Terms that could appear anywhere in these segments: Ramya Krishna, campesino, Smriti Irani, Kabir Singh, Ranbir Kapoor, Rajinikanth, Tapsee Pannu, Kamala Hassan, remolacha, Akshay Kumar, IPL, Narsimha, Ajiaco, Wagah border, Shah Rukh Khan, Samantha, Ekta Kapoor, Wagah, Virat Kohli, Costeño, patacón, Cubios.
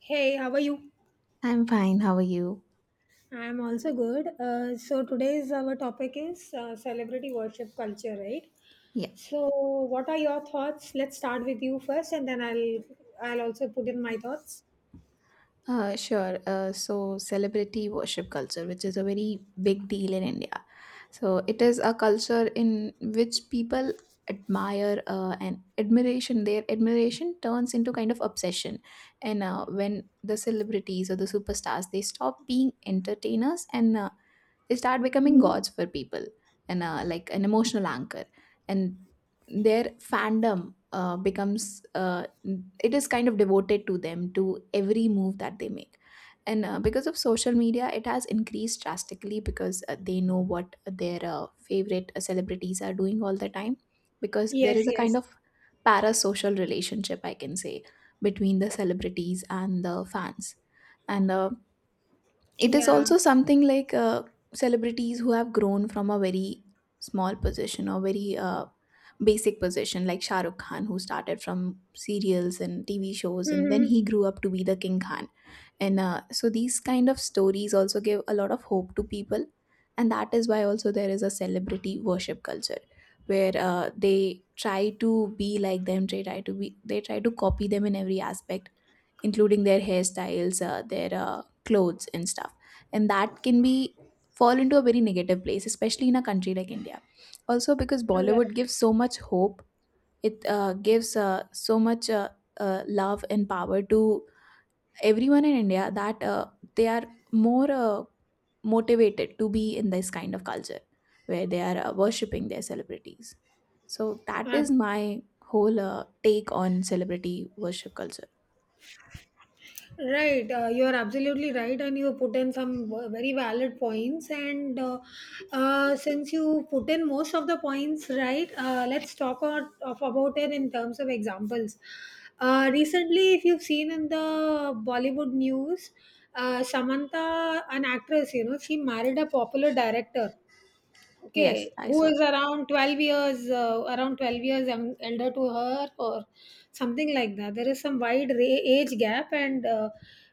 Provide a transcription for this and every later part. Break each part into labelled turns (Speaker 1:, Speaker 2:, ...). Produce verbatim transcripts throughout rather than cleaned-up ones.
Speaker 1: Hey, how are you?
Speaker 2: I'm fine. How are you?
Speaker 1: I'm also good. Uh, so today's our topic is uh, celebrity worship culture, right?
Speaker 2: Yeah,
Speaker 1: So, what are your thoughts? Let's start with you first, and then I'll I'll also put in my thoughts.
Speaker 2: uh, sure. Uh, so, celebrity worship culture, which is a very big deal in India. So, it is a culture in which people admire uh, and admiration, their admiration turns into kind of obsession. And uh, when the celebrities or the superstars, they stop being entertainers and uh, they start becoming
Speaker 1: Hmm.
Speaker 2: gods for people and uh, like an emotional anchor and their fandom uh, becomes uh, it is kind of devoted to them to every move that they make, and uh, because of social media it has increased drastically because uh, they know what their uh, favorite celebrities are doing all the time, because there
Speaker 1: Yes,
Speaker 2: is a
Speaker 1: yes,
Speaker 2: kind of parasocial relationship I can say between the celebrities and the fans. And uh, it is
Speaker 1: yeah.
Speaker 2: also something like uh, celebrities who have grown from a very small position or very uh, basic position, like Shah Rukh Khan, who started from serials and T V shows, and then
Speaker 1: Mm-hmm.
Speaker 2: he grew up to be the King Khan. And uh, so these kind of stories also give a lot of hope to people, and that is why also there is a celebrity worship culture where uh, they try to be like them, they try to be they try to copy them in every aspect, including their hairstyles, uh, their uh, clothes, and stuff. And that can be fall into a very negative place, especially in a country like India. Also, because Bollywood gives so much hope, it uh, gives uh, so much uh, uh, love and power to everyone in India that uh, they are more uh, motivated to be in this kind of culture where they are uh, worshipping their celebrities. So that
Speaker 1: Right.
Speaker 2: is my whole uh, take on celebrity worship culture.
Speaker 1: Right, uh, you're absolutely right, and you put in some v- very valid points. And uh, uh, Since you put in most of the points, right, uh, let's talk or of, about it in terms of examples. Uh, recently, if you've seen in the Bollywood news, uh, Samantha, an actress, you know, she married a popular director.
Speaker 2: Yes,
Speaker 1: Okay,
Speaker 2: I
Speaker 1: who
Speaker 2: saw.
Speaker 1: is around twelve years, uh, around twelve years um, elder to her or something like that. There is some wide ra- age gap, and uh,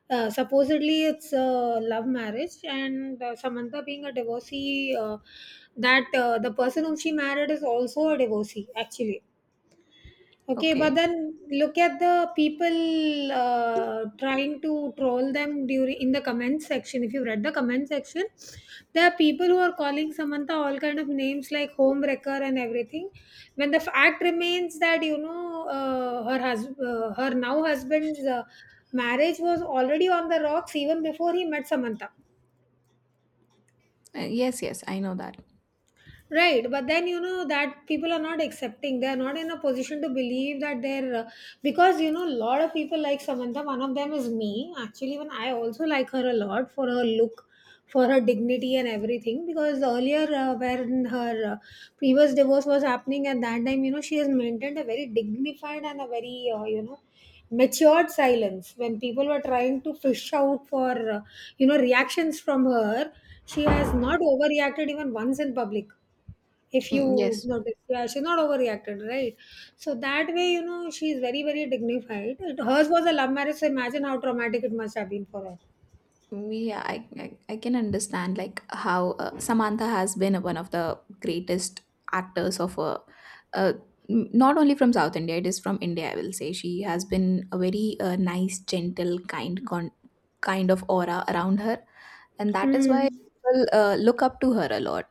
Speaker 1: uh, supposedly it's a love marriage, and uh, Samantha being a divorcee, uh, that uh, the person whom she married is also a divorcee actually. Okay, but
Speaker 2: Okay.
Speaker 1: then look at the people uh, trying to troll them during in the comment section. If you read the comment section, there are people who are calling Samantha all kind of names like home wrecker and everything. When the fact remains that you know uh, her hus- uh, her now husband's uh, marriage was already on the rocks even before he met Samantha.
Speaker 2: Uh, yes, yes, I know that.
Speaker 1: Right, but then you know that people are not accepting. They are not in a position to believe that they're uh, because you know a lot of people like Samantha. One of them is me. Actually, even I also like her a lot for her look, for her dignity and everything. Because earlier, uh, when her uh, previous divorce was happening, at that time, you know, she has maintained a very dignified and a very uh, you know matured silence when people were trying to fish out for uh, you know reactions from her. She has not overreacted even once in public if you
Speaker 2: Mm, yes,
Speaker 1: notice, yeah, she's not overreacted right, so that way you know she's very very dignified it, hers was a love marriage, so imagine how traumatic it must have been for her.
Speaker 2: we. I, I, I can understand like how uh, Samantha has been one of the greatest actors of a, uh, n- not only from South India, it is from India. I will say she has been a very uh, nice, gentle, kind, con- kind of aura around her, and that is
Speaker 1: Hmm.
Speaker 2: why people uh, look up to her a lot.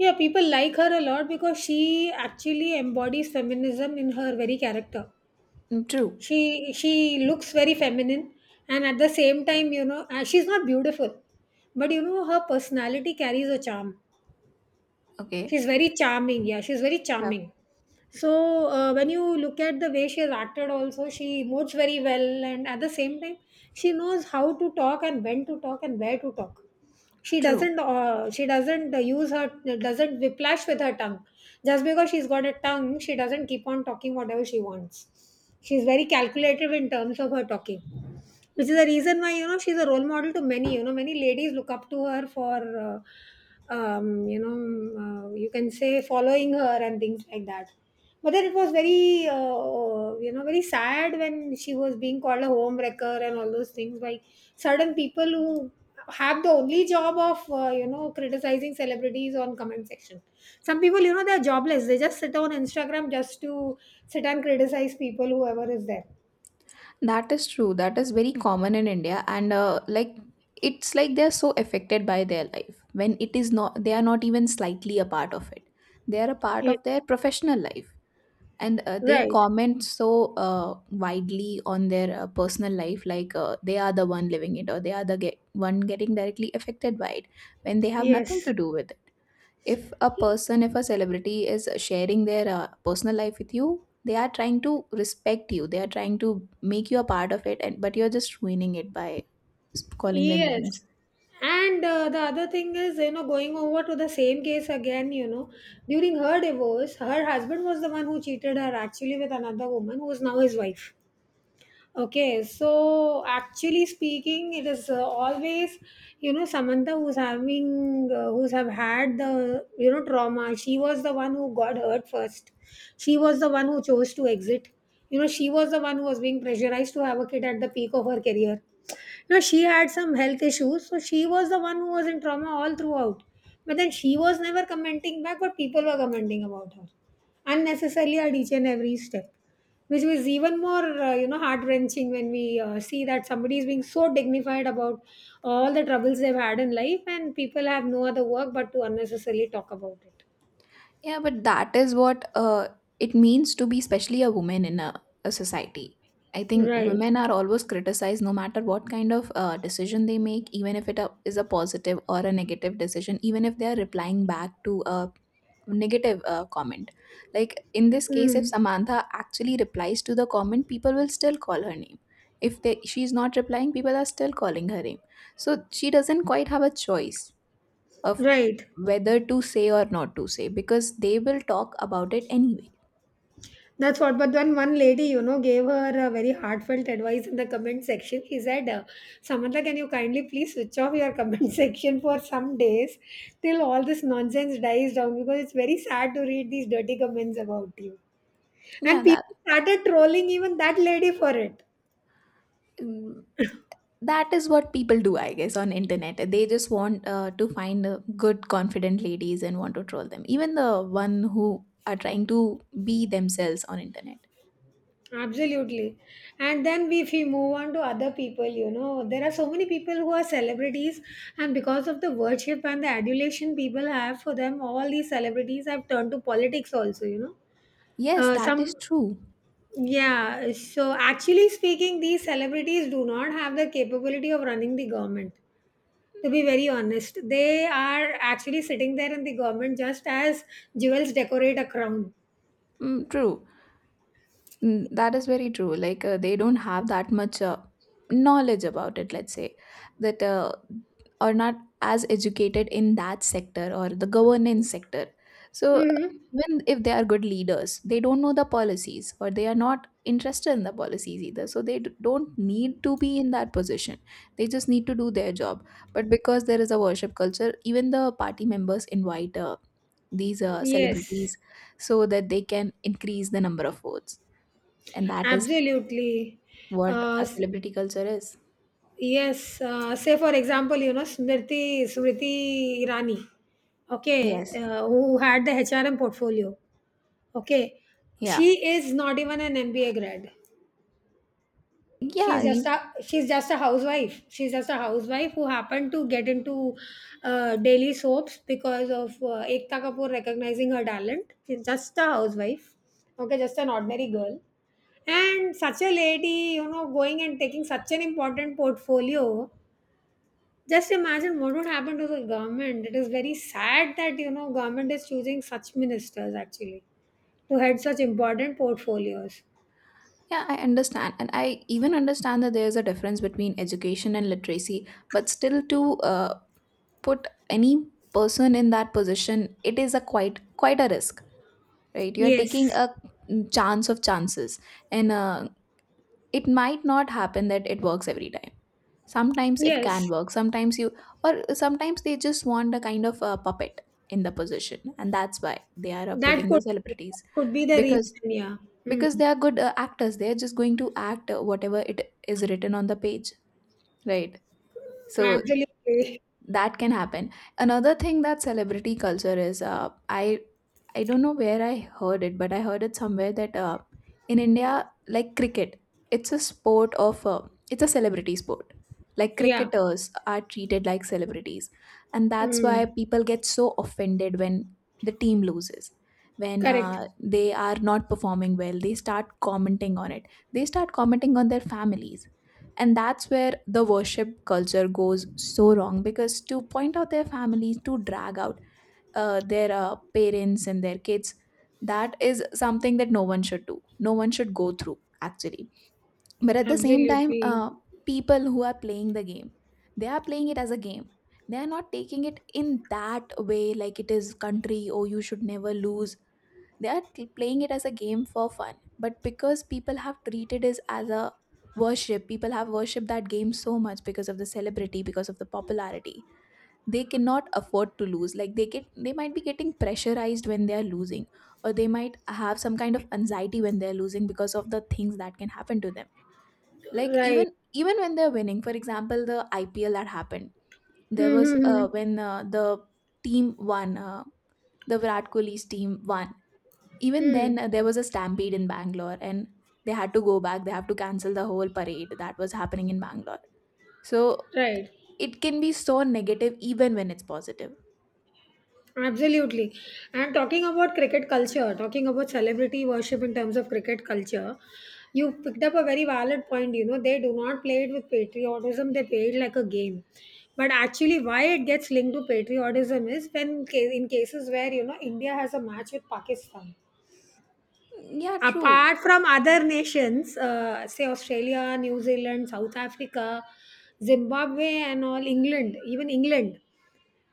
Speaker 1: Yeah, people like her a lot because she actually embodies feminism in her very character.
Speaker 2: Mm, true.
Speaker 1: She she looks very feminine, and at the same time you know uh, she's not beautiful, but you know her personality carries a charm.
Speaker 2: Okay.
Speaker 1: She's very charming. Yeah, she's very
Speaker 2: Yeah.
Speaker 1: charming. So uh, when you look at the way she has acted, also she moves very well, and at the same time, she knows how to talk and when to talk and where to talk. She
Speaker 2: True.
Speaker 1: doesn't. Uh, she doesn't uh, use her. Doesn't whiplash with her tongue. Just because she's got a tongue, she doesn't keep on talking whatever she wants. She's very calculative in terms of her talking. Which is the reason why, you know, she's a role model to many, you know, many ladies look up to her for, uh, um, you know, uh, you can say following her and things like that. But then it was very, uh, you know, very sad when she was being called a home wrecker and all those things by certain people who have the only job of, uh, you know, criticizing celebrities on comment section. Some people, you know, they're jobless. They just sit on Instagram just to sit and criticize people, whoever is there.
Speaker 2: That is true. That is very common in India, and uh, like it's like they're so affected by their life when it is not. They are not even slightly a part of it. They are a part
Speaker 1: Yes.
Speaker 2: of their professional life, and uh, they
Speaker 1: Right.
Speaker 2: comment so uh, widely on their uh, personal life, like uh, they are the one living it, or they are the get- one getting directly affected by it, when they have nothing
Speaker 1: Yes.
Speaker 2: to do with it. If a person, if a celebrity is sharing their uh, personal life with you, they are trying to respect you, they are trying to make you a part of it, and but you're just ruining it by s- calling them
Speaker 1: Yes.
Speaker 2: names.
Speaker 1: And uh, The other thing is, you know, going over to the same case again, you know, during her divorce, her husband was the one who cheated her actually with another woman who is now his wife. Okay, so actually speaking, it is uh, always, you know, Samantha who's having, uh, who's have had the, you know, trauma. She was the one who got hurt first. She was the one who chose to exit. You know, she was the one who was being pressurized to have a kid at the peak of her career. Now she had some health issues, so she was the one who was in trauma all throughout. But then she was never commenting back, but people were commenting about her unnecessarily at each and every step, which was even more uh, you know heart wrenching when we uh, see that somebody is being so dignified about all the troubles they've had in life, and people have no other work but to unnecessarily talk about it.
Speaker 2: Yeah, but that is what uh, it means to be, especially a woman in a, a society. I think
Speaker 1: Right.
Speaker 2: women are always criticized no matter what kind of uh, decision they make, even if it uh, is a positive or a negative decision, even if they are replying back to a negative uh, comment. Like in this case, if
Speaker 1: Hmm.
Speaker 2: Samantha actually replies to the comment, people will still call her name. If they, she's not replying, people are still calling her name. So she doesn't quite have a choice of
Speaker 1: Right.
Speaker 2: whether to say or not to say, because they will talk about it anyway.
Speaker 1: That's what. But then one lady, you know, gave her a very heartfelt advice in the comment section. He said, uh, Samantha, can you kindly please switch off your comment section for some days till all this nonsense dies down because it's very sad to read these dirty comments about you.
Speaker 2: Yeah,
Speaker 1: And
Speaker 2: that,
Speaker 1: people started trolling even that lady for it.
Speaker 2: mm, that is what people do, I guess, on internet. They just want uh, to find uh, good confident ladies and want to troll them, even the one who are trying to be themselves on internet.
Speaker 1: Absolutely. And then we- if we move on to other people, you know, there are so many people who are celebrities, and because of the worship and the adulation people have for them, all these celebrities have turned to politics also, you know.
Speaker 2: Yes,
Speaker 1: Uh,
Speaker 2: that
Speaker 1: some,
Speaker 2: is true.
Speaker 1: yeah, so actually speaking, these celebrities do not have the capability of running the government. To be very honest, they are actually sitting there in the government just as jewels decorate a crown.
Speaker 2: Mm, true. Mm, that is very true. Like uh, they don't have that much uh, knowledge about it. Let's say that uh, are not as educated in that sector or the governance sector. So
Speaker 1: Hmm.
Speaker 2: even if they are good leaders, they don't know the policies, or they are not interested in the policies either. So they d- don't need to be in that position. They just need to do their job. But because there is a worship culture, even the party members invite uh, these uh,
Speaker 1: Yes,
Speaker 2: celebrities so that they can increase the number of votes, and that is
Speaker 1: absolutely.
Speaker 2: what
Speaker 1: Uh,
Speaker 2: a celebrity culture is.
Speaker 1: Yes, uh, say for example, you know, Smriti Smriti Irani, okay,
Speaker 2: Yes.
Speaker 1: uh, who had the H R M portfolio, okay,
Speaker 2: Yeah.
Speaker 1: she is not even an M B A grad.
Speaker 2: yeah
Speaker 1: She's just
Speaker 2: you,
Speaker 1: a she's just a housewife. She's just a housewife who happened to get into uh, daily soaps because of uh, Ekta Kapoor recognizing her talent. She's just a housewife, okay, just an ordinary girl. And such a lady, you know, going and taking such an important portfolio. Just imagine what would happen to the government. It is very sad that you know government is choosing such ministers actually to head such important portfolios.
Speaker 2: yeah, I understand, and I even understand that there's a difference between education and literacy, but still, to uh, put any person in that position, it is a quite quite a risk, right? You are taking
Speaker 1: Yes,
Speaker 2: a mm, chance of chances and uh, it might not happen that it works every time. Sometimes it can
Speaker 1: yes,
Speaker 2: work, sometimes you, or sometimes they just want a kind of a puppet in the position, and that's why they are uh,
Speaker 1: that
Speaker 2: putting the
Speaker 1: could
Speaker 2: celebrities,
Speaker 1: could be the
Speaker 2: because
Speaker 1: reason. Yeah, mm.
Speaker 2: because they are good uh, actors, they are just going to act uh, whatever it is written on the page, right? So
Speaker 1: Absolutely.
Speaker 2: that can happen. Another thing that celebrity culture is uh, I i don't know where I heard it, but I heard it somewhere that uh, in India, like cricket, it's a sport of uh, it's a celebrity sport, like
Speaker 1: Yeah,
Speaker 2: cricketers are treated like celebrities, and that's why
Speaker 1: mm.
Speaker 2: people get so offended when the team loses, when
Speaker 1: Correct.
Speaker 2: uh, they are not performing well. They start commenting on it, they start commenting on their families, and that's where the worship culture goes so wrong, because to point out their families, to drag out uh, their uh, parents and their kids, that is something that no one should do, no one should go through actually. But at the same time,
Speaker 1: Absolutely
Speaker 2: uh, people who are playing the game, they are playing it as a game. They are not taking it in that way, like it is country or you should never lose. They are t- playing it as a game for fun, but because people have treated it as a worship, people have worshipped that game so much because of the celebrity, because of the popularity, they cannot afford to lose. Like they get, they might be getting pressurized when they are losing, or they might have some kind of anxiety when they are losing because of the things that can happen to them. Like
Speaker 1: right.
Speaker 2: even even when they're winning, for example, the I P L that happened, there was
Speaker 1: Mm-hmm.
Speaker 2: uh, when uh, the team won. Uh, the Virat Kohli's team won, even then
Speaker 1: Mm.
Speaker 2: uh, there was a stampede in bangalore, and they had to go back, they have to cancel the whole parade that was happening in bangalore. So
Speaker 1: Right.
Speaker 2: it can be so negative even when it's positive.
Speaker 1: Absolutely. And talking about cricket culture, talking about celebrity worship in terms of cricket culture, you picked up a very valid point. You know, they do not play it with patriotism, they play it like a game. But actually, why it gets linked to patriotism is when, ca- in cases where, you know, India has a match with Pakistan.
Speaker 2: Yeah, true.
Speaker 1: Apart from other nations, uh, say Australia, New Zealand, South Africa, Zimbabwe, and all, England, even England.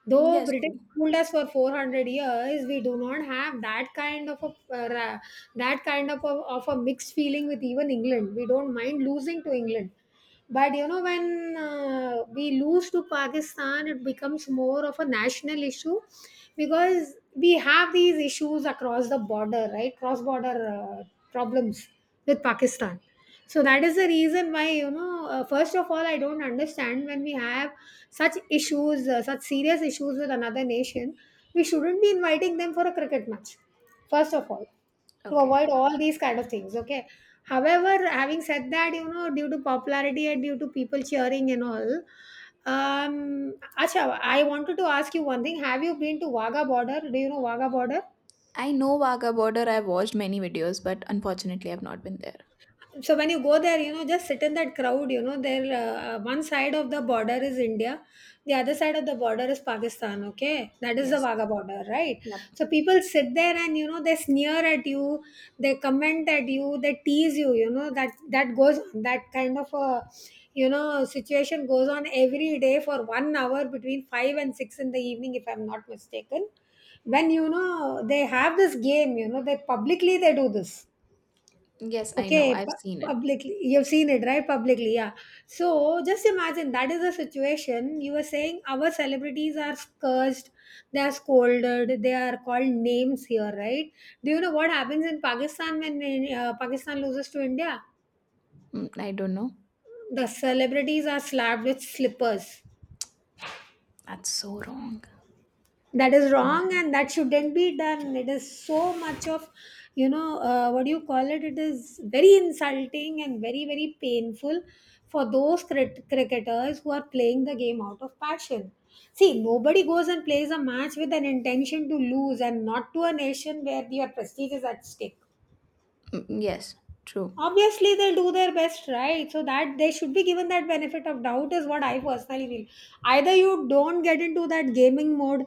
Speaker 1: Though
Speaker 2: Yes,
Speaker 1: British
Speaker 2: true.
Speaker 1: ruled us for four hundred years, we do not have that kind of a uh, ra- that kind of a, of a mixed feeling with even England. We don't mind losing to England, but you know when uh, we lose to Pakistan, it becomes more of a national issue because we have these issues across the border, right? Cross border uh, problems with Pakistan. So that is the reason why, you know, uh, first of all, I don't understand when we have such issues, uh, such serious issues with another nation, we shouldn't be inviting them for a cricket match, first of all, to
Speaker 2: Okay,
Speaker 1: avoid all these kind of things, okay? However, having said that, you know, due to popularity and due to people cheering and all, um, Acha, I wanted to ask you one thing. Have you been to Wagah border? Do you know Wagah border?
Speaker 2: I know wagah border, I've watched many videos, but unfortunately I've not been there.
Speaker 1: So when you go there, you know, just sit in that crowd. You know, there uh, one side of the border is India, the other side of the border is Pakistan. Okay, that is the
Speaker 2: Yes.
Speaker 1: Wagah border, right?
Speaker 2: Yep.
Speaker 1: So people sit there and you know they sneer at you, they comment at you, they tease you. You know that that goes that kind of a you know situation goes on every day for one hour between five and six in the evening, if I'm not mistaken. When you know they have this game, you know they publicly they do this.
Speaker 2: Yes, I know,
Speaker 1: Okay,
Speaker 2: I've
Speaker 1: pu-
Speaker 2: seen it.
Speaker 1: publicly, you've seen it, right? Publicly, yeah. So just imagine that is the situation. You were saying our celebrities are cursed, they are scolded, they are called names here, right? Do you know what happens in Pakistan when uh, Pakistan loses to India?
Speaker 2: Mm, I don't know.
Speaker 1: The celebrities are slapped with slippers.
Speaker 2: That's so wrong.
Speaker 1: That is
Speaker 2: So
Speaker 1: wrong
Speaker 2: bad.
Speaker 1: and that shouldn't be done. It is so much of, you know uh, what do you call it it is very insulting and very, very painful for those crit- cricketers who are playing the game out of passion. See, nobody goes and plays a match with an intention to lose, and not to a nation where your prestige is at stake.
Speaker 2: Mm, yes, true.
Speaker 1: Obviously, they'll do their best, right? So that they should be given that benefit of doubt is what I personally feel. Either you don't get into that gaming mode,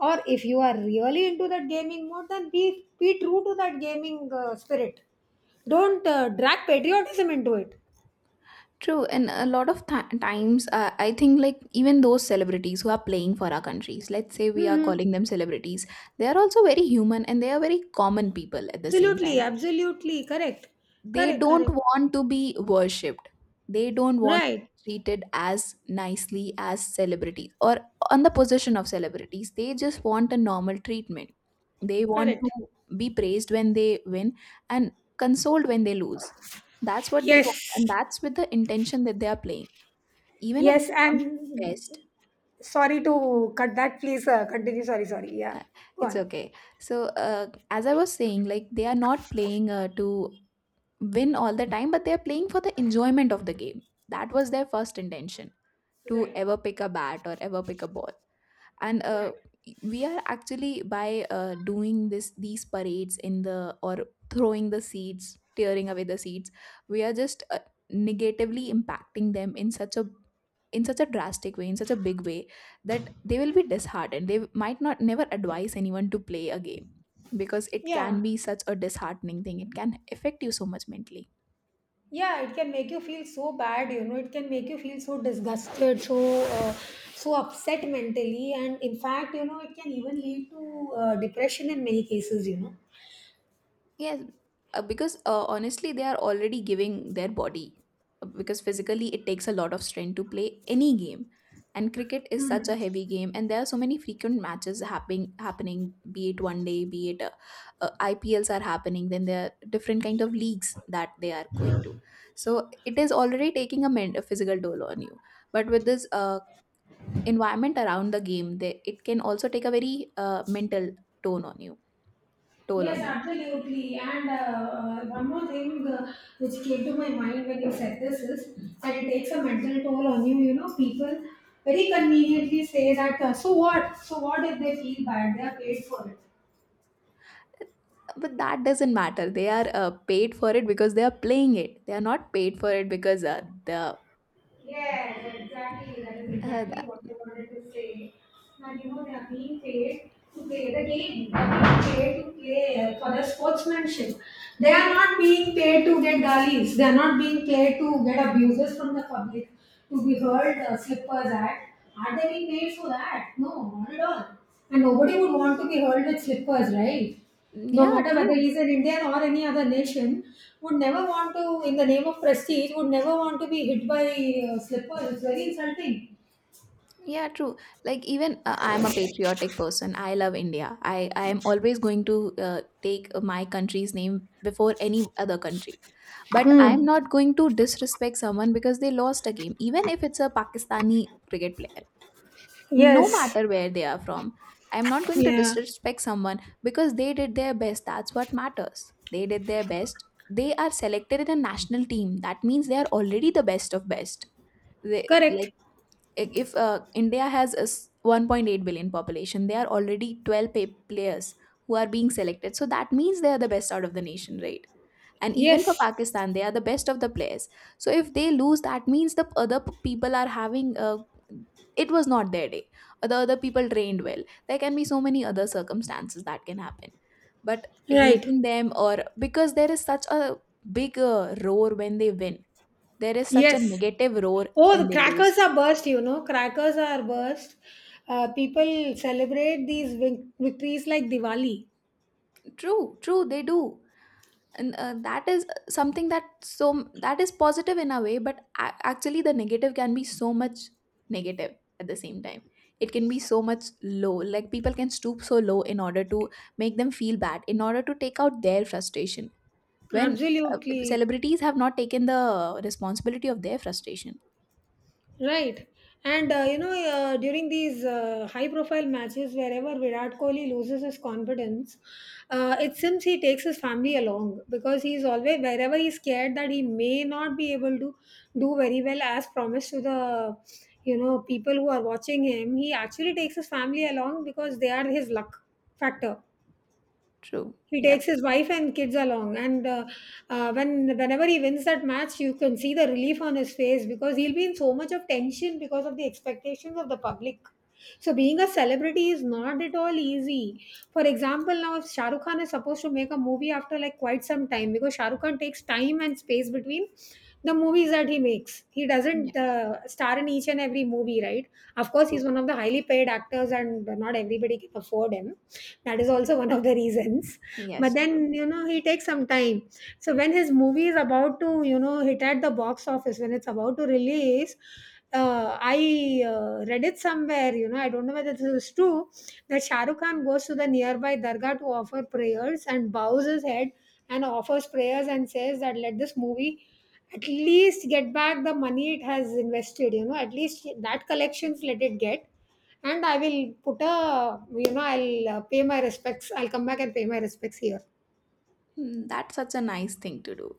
Speaker 1: or if you are really into that gaming mode, then be be true to that gaming uh, spirit. Don't uh, drag patriotism into it.
Speaker 2: True. And a lot of th- times, uh, I think, like, even those celebrities who are playing for our countries, let's say we are
Speaker 1: Hmm.
Speaker 2: calling them celebrities, they are also very human and they are very common people at the same
Speaker 1: Absolutely,
Speaker 2: time.
Speaker 1: absolutely correct.
Speaker 2: They
Speaker 1: Correct,
Speaker 2: don't
Speaker 1: correct.
Speaker 2: want to be worshipped. They don't want to
Speaker 1: Right.
Speaker 2: be treated as nicely as celebrities, or on the position of celebrities. They just want a normal treatment. They want to
Speaker 1: Correct.
Speaker 2: be praised when they win and consoled when they lose. That's what they want, and
Speaker 1: Yes.
Speaker 2: that's with the intention that they are playing, even if
Speaker 1: Yes,
Speaker 2: they want to be best.
Speaker 1: and sorry to cut that, please, uh, continue. Sorry, sorry. Yeah,
Speaker 2: uh,
Speaker 1: go
Speaker 2: it's
Speaker 1: on.
Speaker 2: okay. So uh, as I was saying, like they are not playing uh, to win all the time, but they're playing for the enjoyment of the game. That was their first intention to
Speaker 1: Right.
Speaker 2: ever pick a bat or ever pick a ball. And uh, we are actually by uh, doing this, these parades in the, or throwing the seeds, tearing away the seeds, we are just uh, negatively impacting them in such a, in such a drastic way, in such a big way, that they will be disheartened. They might not never advise anyone to play a game, because it
Speaker 1: Yeah,
Speaker 2: can be such a disheartening thing. It can affect you so much mentally.
Speaker 1: yeah, it can make you feel so bad, you know, it can make you feel so disgusted, so uh, so upset mentally, and in fact, you know, it can even lead to uh, depression in many cases, you know.
Speaker 2: Yes, uh, because uh, honestly, they are already giving their body. Uh, Because physically, it takes a lot of strength to play any game, and cricket is such a heavy game, and there are so many frequent matches happening. Happening, be it one day, be it uh, uh, I P Ls are happening. Then there are different kind of leagues that they are going to. So it is already taking a, men- a physical toll on you. But with this uh, environment around the game, they, it can also take a very uh, mental tone on you, toll
Speaker 1: Yes,
Speaker 2: on you.
Speaker 1: absolutely. And uh, uh, one more thing, uh, which came to my mind when you said this is that it takes a mental toll on you. You know, people very conveniently say that, uh, so what? So what if they feel bad? They are paid for it.
Speaker 2: But that doesn't matter. They are uh, paid for it because they are playing it. They are not paid for it because uh, the uh,
Speaker 1: Yes, exactly. That is exactly
Speaker 2: th-
Speaker 1: what I wanted to say. And you know, they are being paid to play the game. They are being paid to play uh, for the sportsmanship. They are not being paid to get gullies. They are not being paid to get abuses from the public, to be hurled uh, slippers at. Are they being paid for that? No, not at all. And nobody would want to be hurled with slippers, right? No
Speaker 2: yeah,
Speaker 1: matter whether
Speaker 2: true.
Speaker 1: he's an Indian or any other nation, would never want to, in the name of prestige, would never want to be hit by uh, slippers. It's very insulting.
Speaker 2: Yeah, true. Like, even uh, I am a patriotic person. I love India. I i am always going to uh, take my country's name before any other country, but I am
Speaker 1: Hmm.
Speaker 2: not going to disrespect someone because they lost a game, even if it's a Pakistani cricket player, no
Speaker 1: Yes.
Speaker 2: matter where they are from. I'm not going to
Speaker 1: Yeah.
Speaker 2: disrespect someone because they did their best. That's what matters. They did their best. They are selected in a national team. That means they are already the best of best. They, like,
Speaker 1: Correct.
Speaker 2: if uh, India has a s- one point eight billion population, they are already twelve pa- players who are being selected. So that means they are the best out of the nation, right? And even for
Speaker 1: Yes.
Speaker 2: Pakistan, they are the best of the players. So if they lose, that means the other p- people are having, uh, it was not their day, or the other people trained well. There can be so many other circumstances that can happen, but
Speaker 1: Right.
Speaker 2: hating them, or because there is such a big uh, roar when they win, there is such a
Speaker 1: Yes.
Speaker 2: negative roar
Speaker 1: Oh,
Speaker 2: when
Speaker 1: the
Speaker 2: they
Speaker 1: crackers
Speaker 2: lose.
Speaker 1: are burst, you know. Crackers are burst. Uh, people celebrate these vic- victories like Diwali.
Speaker 2: True, true, they do. And uh, that is something that, so that is positive in a way, but a- actually the negative can be so much negative at the same time. It can be so much low. Like, people can stoop so low in order to make them feel bad, in order to take out their frustration. When uh,
Speaker 1: Absolutely.
Speaker 2: celebrities have not taken the responsibility of their frustration.
Speaker 1: Right. And uh, you know, uh, during these uh, high profile matches, wherever Virat Kohli loses his confidence, uh, it seems he takes his family along because he's always, wherever he's scared that he may not be able to do very well as promised to the, you know, people who are watching him, he actually takes his family along because they are his luck factor.
Speaker 2: True.
Speaker 1: He takes
Speaker 2: Yeah.
Speaker 1: his wife and kids along, and uh, uh, when whenever he wins that match, you can see the relief on his face because he'll be in so much of tension because of the expectations of the public. So being a celebrity is not at all easy. For example, now if Shah Rukh Khan is supposed to make a movie after like quite some time because Shah Rukh Khan takes time and space between the movies that he makes. He
Speaker 2: Yeah.
Speaker 1: doesn't uh, star in each and every movie, right? Of course, he's
Speaker 2: True.
Speaker 1: one of the highly paid actors, and not everybody can afford him. That is also one of the reasons, but
Speaker 2: Yes. True.
Speaker 1: then, you know he takes some time. So when his movie is about to, you know hit at the box office, when it's about to release, uh, I uh, read it somewhere, you know, I don't know whether this is true, that Shah Rukh Khan goes to the nearby dargah to offer prayers and bows his head and offers prayers and says that let this movie at least get back the money it has invested, you know at least that collections let it get, and I will put a, you know I'll uh, pay my respects, I'll come back and pay my respects here
Speaker 2: Hmm, that's such a nice thing to do.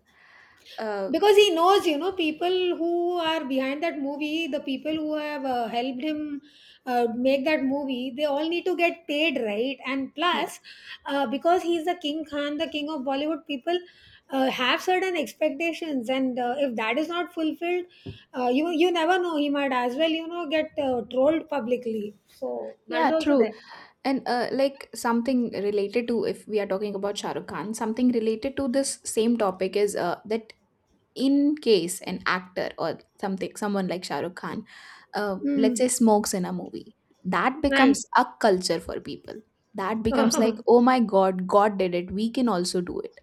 Speaker 2: Uh.
Speaker 1: because he knows, you know people who are behind that movie, the people who have uh, helped him uh, make that movie, they all need to get paid, right? And
Speaker 2: Yeah.
Speaker 1: plus, uh, because he's the King Khan, the king of Bollywood, people uh, have certain expectations, and uh, if that is not fulfilled, uh, you you never know, he might as well, you know get uh, trolled publicly, so that is
Speaker 2: Yeah.
Speaker 1: also
Speaker 2: True.
Speaker 1: there.
Speaker 2: And uh, like, something related to, if we are talking about Shah Rukh Khan, something related to this same topic is uh, that in case an actor or something, someone like Shah Rukh Khan, uh, let's say
Speaker 1: Mm.
Speaker 2: smokes in a movie, that
Speaker 1: Right.
Speaker 2: becomes a culture for people. That becomes like, oh my God, God did it, we can also do it.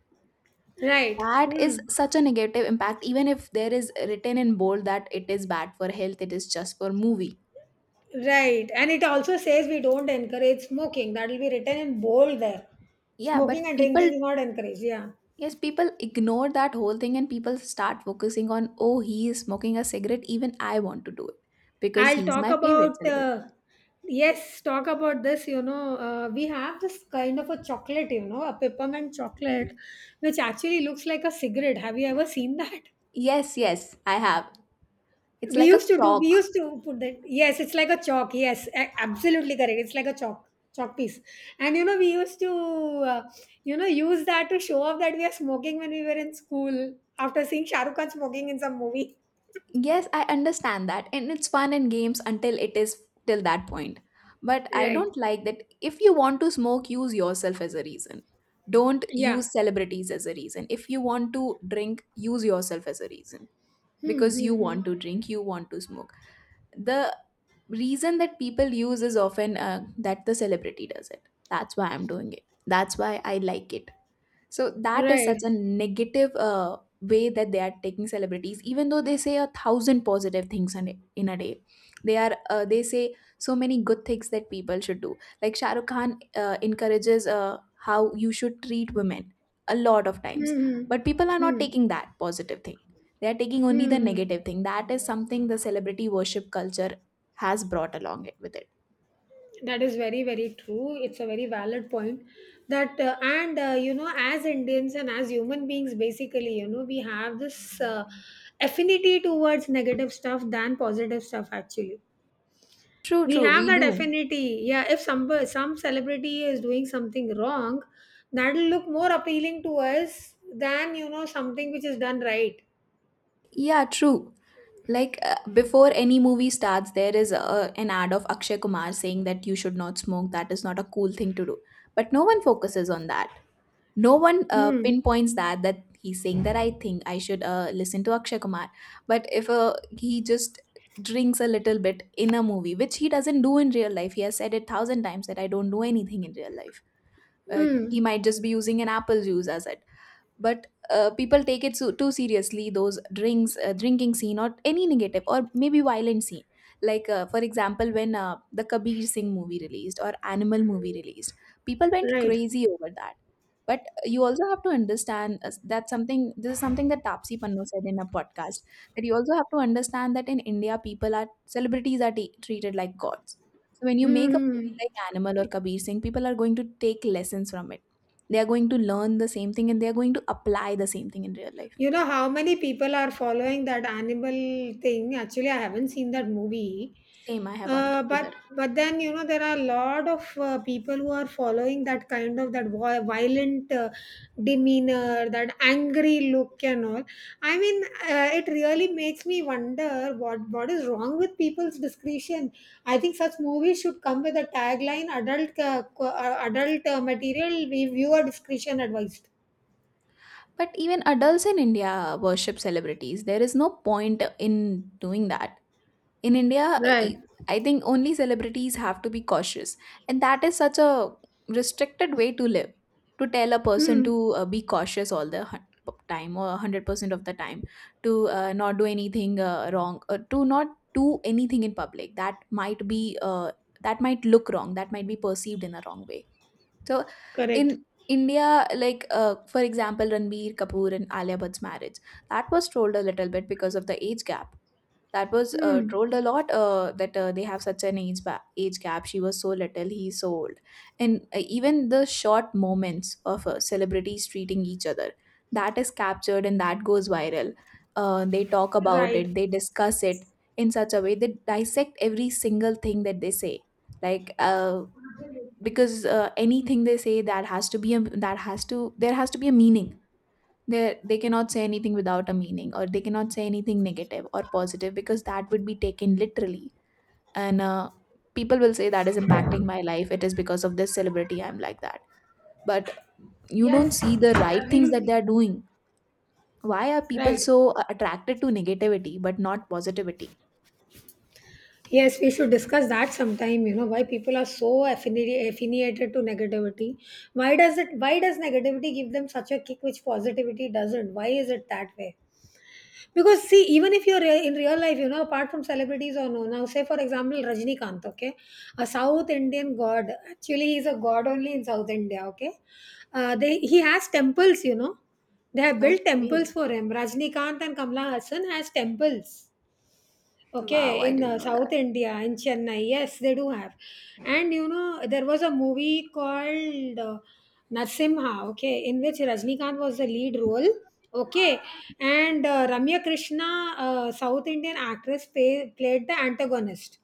Speaker 1: Right.
Speaker 2: That
Speaker 1: Mm.
Speaker 2: is such a negative impact, even if there is written in bold that it is bad for health, it is just for movie.
Speaker 1: Right. And it also says we don't encourage smoking. That will be written in bold there.
Speaker 2: Yeah, but
Speaker 1: Smoking and
Speaker 2: people.
Speaker 1: drinking is not encouraged. Yeah.
Speaker 2: Yes, people ignore that whole thing and people start focusing on, oh, he is smoking a cigarette. Even I want to do it because
Speaker 1: I'll
Speaker 2: he's
Speaker 1: talk
Speaker 2: my favorite
Speaker 1: about,
Speaker 2: celebrity.
Speaker 1: uh, yes, talk about this. You know, uh, we have this kind of a chocolate, you know, a peppermint chocolate, which actually looks like a cigarette. Have you ever seen that?
Speaker 2: Yes, yes, I have. It's
Speaker 1: We
Speaker 2: like a
Speaker 1: used to do,
Speaker 2: chalk.
Speaker 1: we used to put that. Yes, it's like a chalk. Yes, a- absolutely correct. It's like a chalk, chalk piece. And, you know, we used to, uh, you know, use that to show off that we are smoking when we were in school after seeing Shah Rukh Khan smoking in some movie.
Speaker 2: Yes, I understand that. And it's fun in games until it is till that point. But I
Speaker 1: Right.
Speaker 2: don't like that. If you want to smoke, use yourself as a reason. Don't
Speaker 1: Yeah.
Speaker 2: use celebrities as a reason. If you want to drink, use yourself as a reason,
Speaker 1: Hmm.
Speaker 2: because
Speaker 1: Hmm,
Speaker 2: you
Speaker 1: hmm.
Speaker 2: want to drink, you want to smoke. The reason that people use is often uh, that the celebrity does it, that's why I'm doing it, that's why I like it. So that is
Speaker 1: Right.
Speaker 2: such a negative uh, way that they are taking celebrities, even though they say a thousand positive things in a in a day. They are uh, they say so many good things that people should do. Like Shah Rukh Khan uh, encourages uh, how you should treat women a lot of times,
Speaker 1: Hmm. Hmm.
Speaker 2: but people are not
Speaker 1: Hmm.
Speaker 2: taking that positive thing. They are taking only the
Speaker 1: Hmm. Hmm.
Speaker 2: negative thing. That is something the celebrity worship culture has brought along it with it.
Speaker 1: That is very, very true. It's a very valid point. That uh, and uh, you know, as Indians and as human beings, basically, you know, we have this uh, affinity towards negative stuff than positive stuff. Actually,
Speaker 2: True,
Speaker 1: we
Speaker 2: true,
Speaker 1: have
Speaker 2: we
Speaker 1: that
Speaker 2: do.
Speaker 1: affinity. Yeah, if some some celebrity is doing something wrong, that'll look more appealing to us than you know something which is done right.
Speaker 2: Yeah, true. Like, uh, before any movie starts, there is a, an ad of Akshay Kumar saying that you should not smoke. That is not a cool thing to do. But no one focuses on that. No one uh,
Speaker 1: Hmm.
Speaker 2: pinpoints that, that he's saying that. I think I should uh, listen to Akshay Kumar. But if uh, he just drinks a little bit in a movie, which he doesn't do in real life, he has said it thousand times that I don't do anything in real life. Uh, he
Speaker 1: Hmm.
Speaker 2: might just be using an apple juice as it, but uh, people take it so, too seriously, those drinks uh, drinking scene, or any negative or maybe violent scene. Like, uh, for example, when uh, the Kabir Singh movie released or Animal movie released, people went
Speaker 1: Right.
Speaker 2: crazy over that. But you also have to understand uh, that something, this is something that Tapsi Pannu said in a podcast, that you also have to understand that in India people are, celebrities are t- treated like gods. So when you
Speaker 1: Hmm.
Speaker 2: make a
Speaker 1: Hmm, hmm.
Speaker 2: movie like Animal or Kabir Singh, people are going to take lessons from it. They are going to learn the same thing, and they are going to apply the same thing in real life.
Speaker 1: You know how many people are following that animal thing? Actually, I haven't seen that movie.
Speaker 2: Same, I haven't
Speaker 1: Uh, but
Speaker 2: either.
Speaker 1: but then, you know there are a lot of uh, people who are following that kind of that vi- violent uh, demeanor, that angry look and all. I mean, uh, it really makes me wonder what what is wrong with people's discretion. I think such movies should come with a tagline: "Adult uh, co- uh, adult uh, material, we viewer discretion advised."
Speaker 2: But even adults in India worship celebrities. There is no point in doing that. In India, e-
Speaker 1: Right.
Speaker 2: I think only celebrities have to be cautious, and that is such a restricted way to live, to tell a person
Speaker 1: Hmm.
Speaker 2: to uh, be cautious all the hun- time, or hundred percent of the time, to uh, not do anything uh, wrong, uh, to not do anything in public that might be uh, that might look wrong, that might be perceived in a wrong way. So
Speaker 1: Correct.
Speaker 2: in India, like, uh, for example, Ranbir Kapoor and Alia Bhatt's marriage, that was trolled a little bit because of the age gap. That was uh,
Speaker 1: Hmm.
Speaker 2: trolled a lot, uh, that uh, they have such an age ba- age gap, she was so little, he's so old. And uh, even the short moments of uh, celebrities treating each other, that is captured and that goes viral. Uh, they talk about it,
Speaker 1: Right.
Speaker 2: they discuss it in such a way. They dissect every single thing that they say. Like, uh, because uh, anything they say, that has to be a, that has to, there has to be a meaning. they they cannot say anything without a meaning, or they cannot say anything negative or positive, because that would be taken literally. And uh, people will say that is impacting my life, it is because of this celebrity I'm like that. But you don't
Speaker 1: Yes,
Speaker 2: see the right things that
Speaker 1: absolutely.
Speaker 2: they are doing. Why are people
Speaker 1: Right.
Speaker 2: so uh, attracted to negativity but not positivity?
Speaker 1: Yes, we should discuss that sometime, you know, why people are so affini- affiliated to negativity. Why does it why does negativity give them such a kick which positivity doesn't? Why is it that way? Because see, even if you're rea- in real life, you know, apart from celebrities or no, now say for example Rajinikanth, okay, a South Indian god. Actually, he's a god only in South India, okay. Uh, they he has temples, you know. They have built temples
Speaker 2: Okay.
Speaker 1: for him. Rajnikanth and Kamala Hassan has temples.
Speaker 2: Wow,
Speaker 1: Okay,
Speaker 2: I
Speaker 1: in
Speaker 2: didn't
Speaker 1: uh,
Speaker 2: know
Speaker 1: South
Speaker 2: that.
Speaker 1: India, in Chennai, yes, they do have. And you know, there was a movie called uh, Narsimha, okay, in which Rajnikant was the lead role, okay, and uh, Ramya Krishna, uh, South Indian actress, pay, played the antagonist.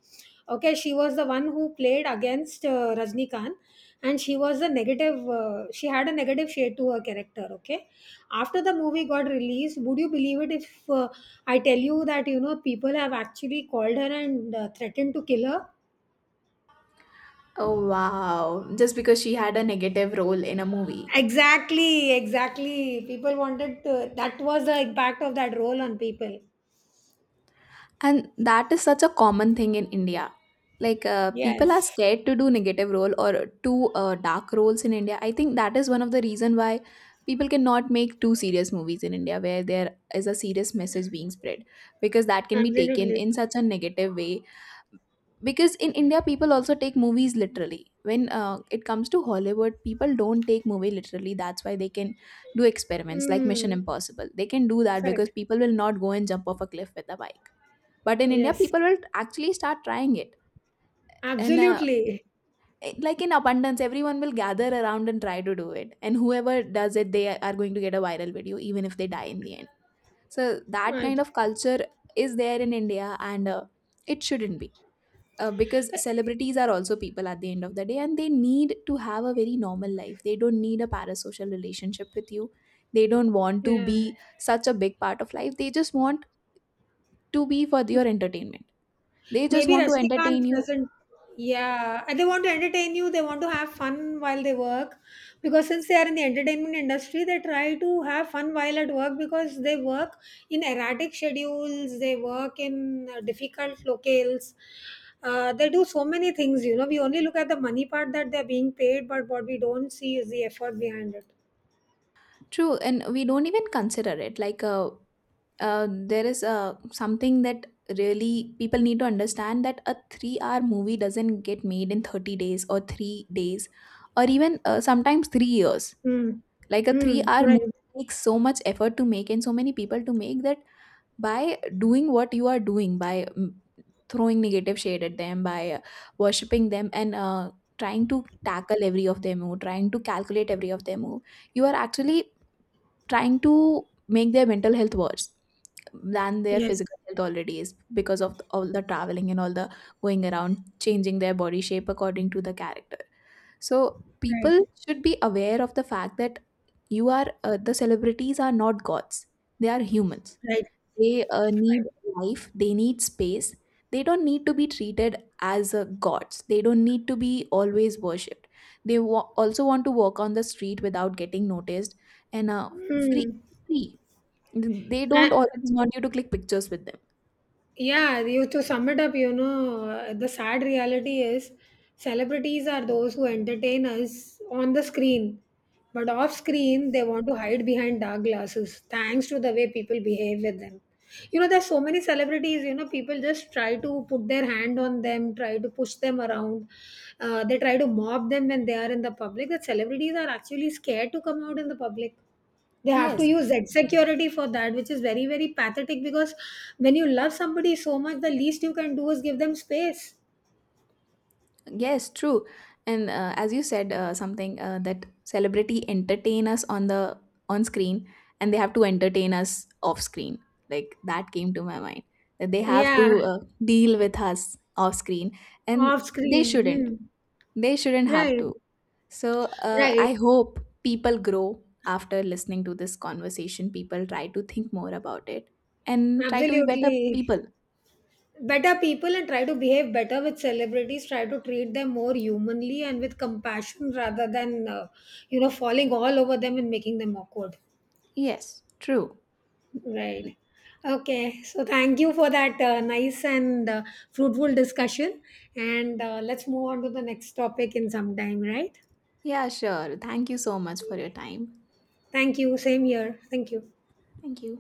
Speaker 1: Okay, she was the one who played against uh, Rajnikant, and she was a negative. Uh, she had a negative shade to her character. Okay, after the movie got released, would you believe it if? Uh, I tell you that, you know, people have actually called her and uh, threatened to kill her.
Speaker 2: Oh wow, just because she had a negative role in a movie.
Speaker 1: Exactly, exactly. People wanted to, that was the impact of that role on people.
Speaker 2: And that is such a common thing in India. Like, uh, people are
Speaker 1: Yes,
Speaker 2: scared to do negative role or too uh, dark roles in India. I think that is one of the reason why people cannot make too serious movies in India, where there is a serious message being spread, because that can be taken
Speaker 1: absolutely.
Speaker 2: in such a negative way. Because in India, people also take movies literally. When uh, it comes to Hollywood, people don't take movie literally, that's why they can do experiments like Mission
Speaker 1: Mm,
Speaker 2: Impossible. They can do that because
Speaker 1: correct.
Speaker 2: people will not go and jump off a cliff with a bike. But in India,
Speaker 1: Yes,
Speaker 2: people will actually start trying it. And uh,
Speaker 1: absolutely.
Speaker 2: it- like, in abundance, everyone will gather around and try to do it. And whoever does it, they are going to get a viral video, even if they die in the end. So that
Speaker 1: Right.
Speaker 2: kind of culture is there in India, and uh, it shouldn't be. Uh, because celebrities are also people at the end of the day, and they need to have a very normal life. They don't need a parasocial relationship with you. They don't want to
Speaker 1: Yeah.
Speaker 2: be such a big part of life. They just want to be for your entertainment. They just
Speaker 1: Maybe
Speaker 2: want to entertain
Speaker 1: Rajnikant
Speaker 2: you.
Speaker 1: doesn't. Yeah, and they want to entertain you. They want to have fun while they work, because since they are in the entertainment industry, they try to have fun while at work because they work in erratic schedules. They work in uh, difficult locales. Uh, they do so many things. You know, we only look at the money part that they're being paid, but what we don't see is the effort behind it.
Speaker 2: True, and we don't even consider it. Like, uh, uh, there is uh, something that really people need to understand, that a three-hour movie doesn't get made in thirty days or three days, or even uh, sometimes three years.
Speaker 1: Hmm.
Speaker 2: Like, a
Speaker 1: Hmm.
Speaker 2: three-hour
Speaker 1: Right.
Speaker 2: movie takes so much effort to make and so many people to make, that by doing what you are doing, by mm, throwing negative shade at them, by uh, worshipping them, and uh, trying to tackle every of their move, trying to calculate every of their move, you are actually trying to make their mental health worse than their
Speaker 1: Yes.
Speaker 2: physical health already is, because of all the traveling and all the going around, changing their body shape according to the character. So
Speaker 1: Right.
Speaker 2: people should be aware of the fact that, you are uh, the celebrities are not gods, they are humans.
Speaker 1: Right.
Speaker 2: They uh, need life, they need space. They don't need to be treated as uh, gods. They don't need to be always worshipped. They wa- also want to walk on the street without getting noticed, and uh, free,
Speaker 1: Hmm.
Speaker 2: free. They don't always want you to click pictures with them.
Speaker 1: Yeah, you to sum it up, you know, uh, the sad reality is celebrities are those who entertain us on the screen, but off screen they want to hide behind dark glasses thanks to the way people behave with them. You know, there's so many celebrities, you know, people just try to put their hand on them, try to push them around. Uh, they try to mob them when they are in the public. That celebrities are actually scared to come out in the public, they have to
Speaker 2: Yes.
Speaker 1: use Z security for that, which is very, very pathetic, because when you love somebody so much, the least you can do is give them space.
Speaker 2: Yes, true. And uh, as you said, uh, something uh, that celebrity entertain us on the on screen, and they have to entertain us off screen. Like, that came to my mind, that they have
Speaker 1: Yeah,
Speaker 2: to uh, deal with us off screen, and
Speaker 1: off
Speaker 2: they
Speaker 1: screen.
Speaker 2: shouldn't.
Speaker 1: Hmm.
Speaker 2: They shouldn't have
Speaker 1: Right.
Speaker 2: to. So uh,
Speaker 1: Right.
Speaker 2: I hope people grow after listening to this conversation. People try to think more about it and try to be better
Speaker 1: Absolutely.
Speaker 2: people.
Speaker 1: Better people, and try to behave better with celebrities, try to treat them more humanly and with compassion, rather than uh, you know falling all over them and making them awkward.
Speaker 2: Yes, true.
Speaker 1: Right. Okay. So thank you for that uh, nice and uh, fruitful discussion. And uh, let's move on to the next topic in some time, right?
Speaker 2: Yeah, sure. Thank you so much for your time.
Speaker 1: Thank you. Same here. Thank you.
Speaker 2: Thank you.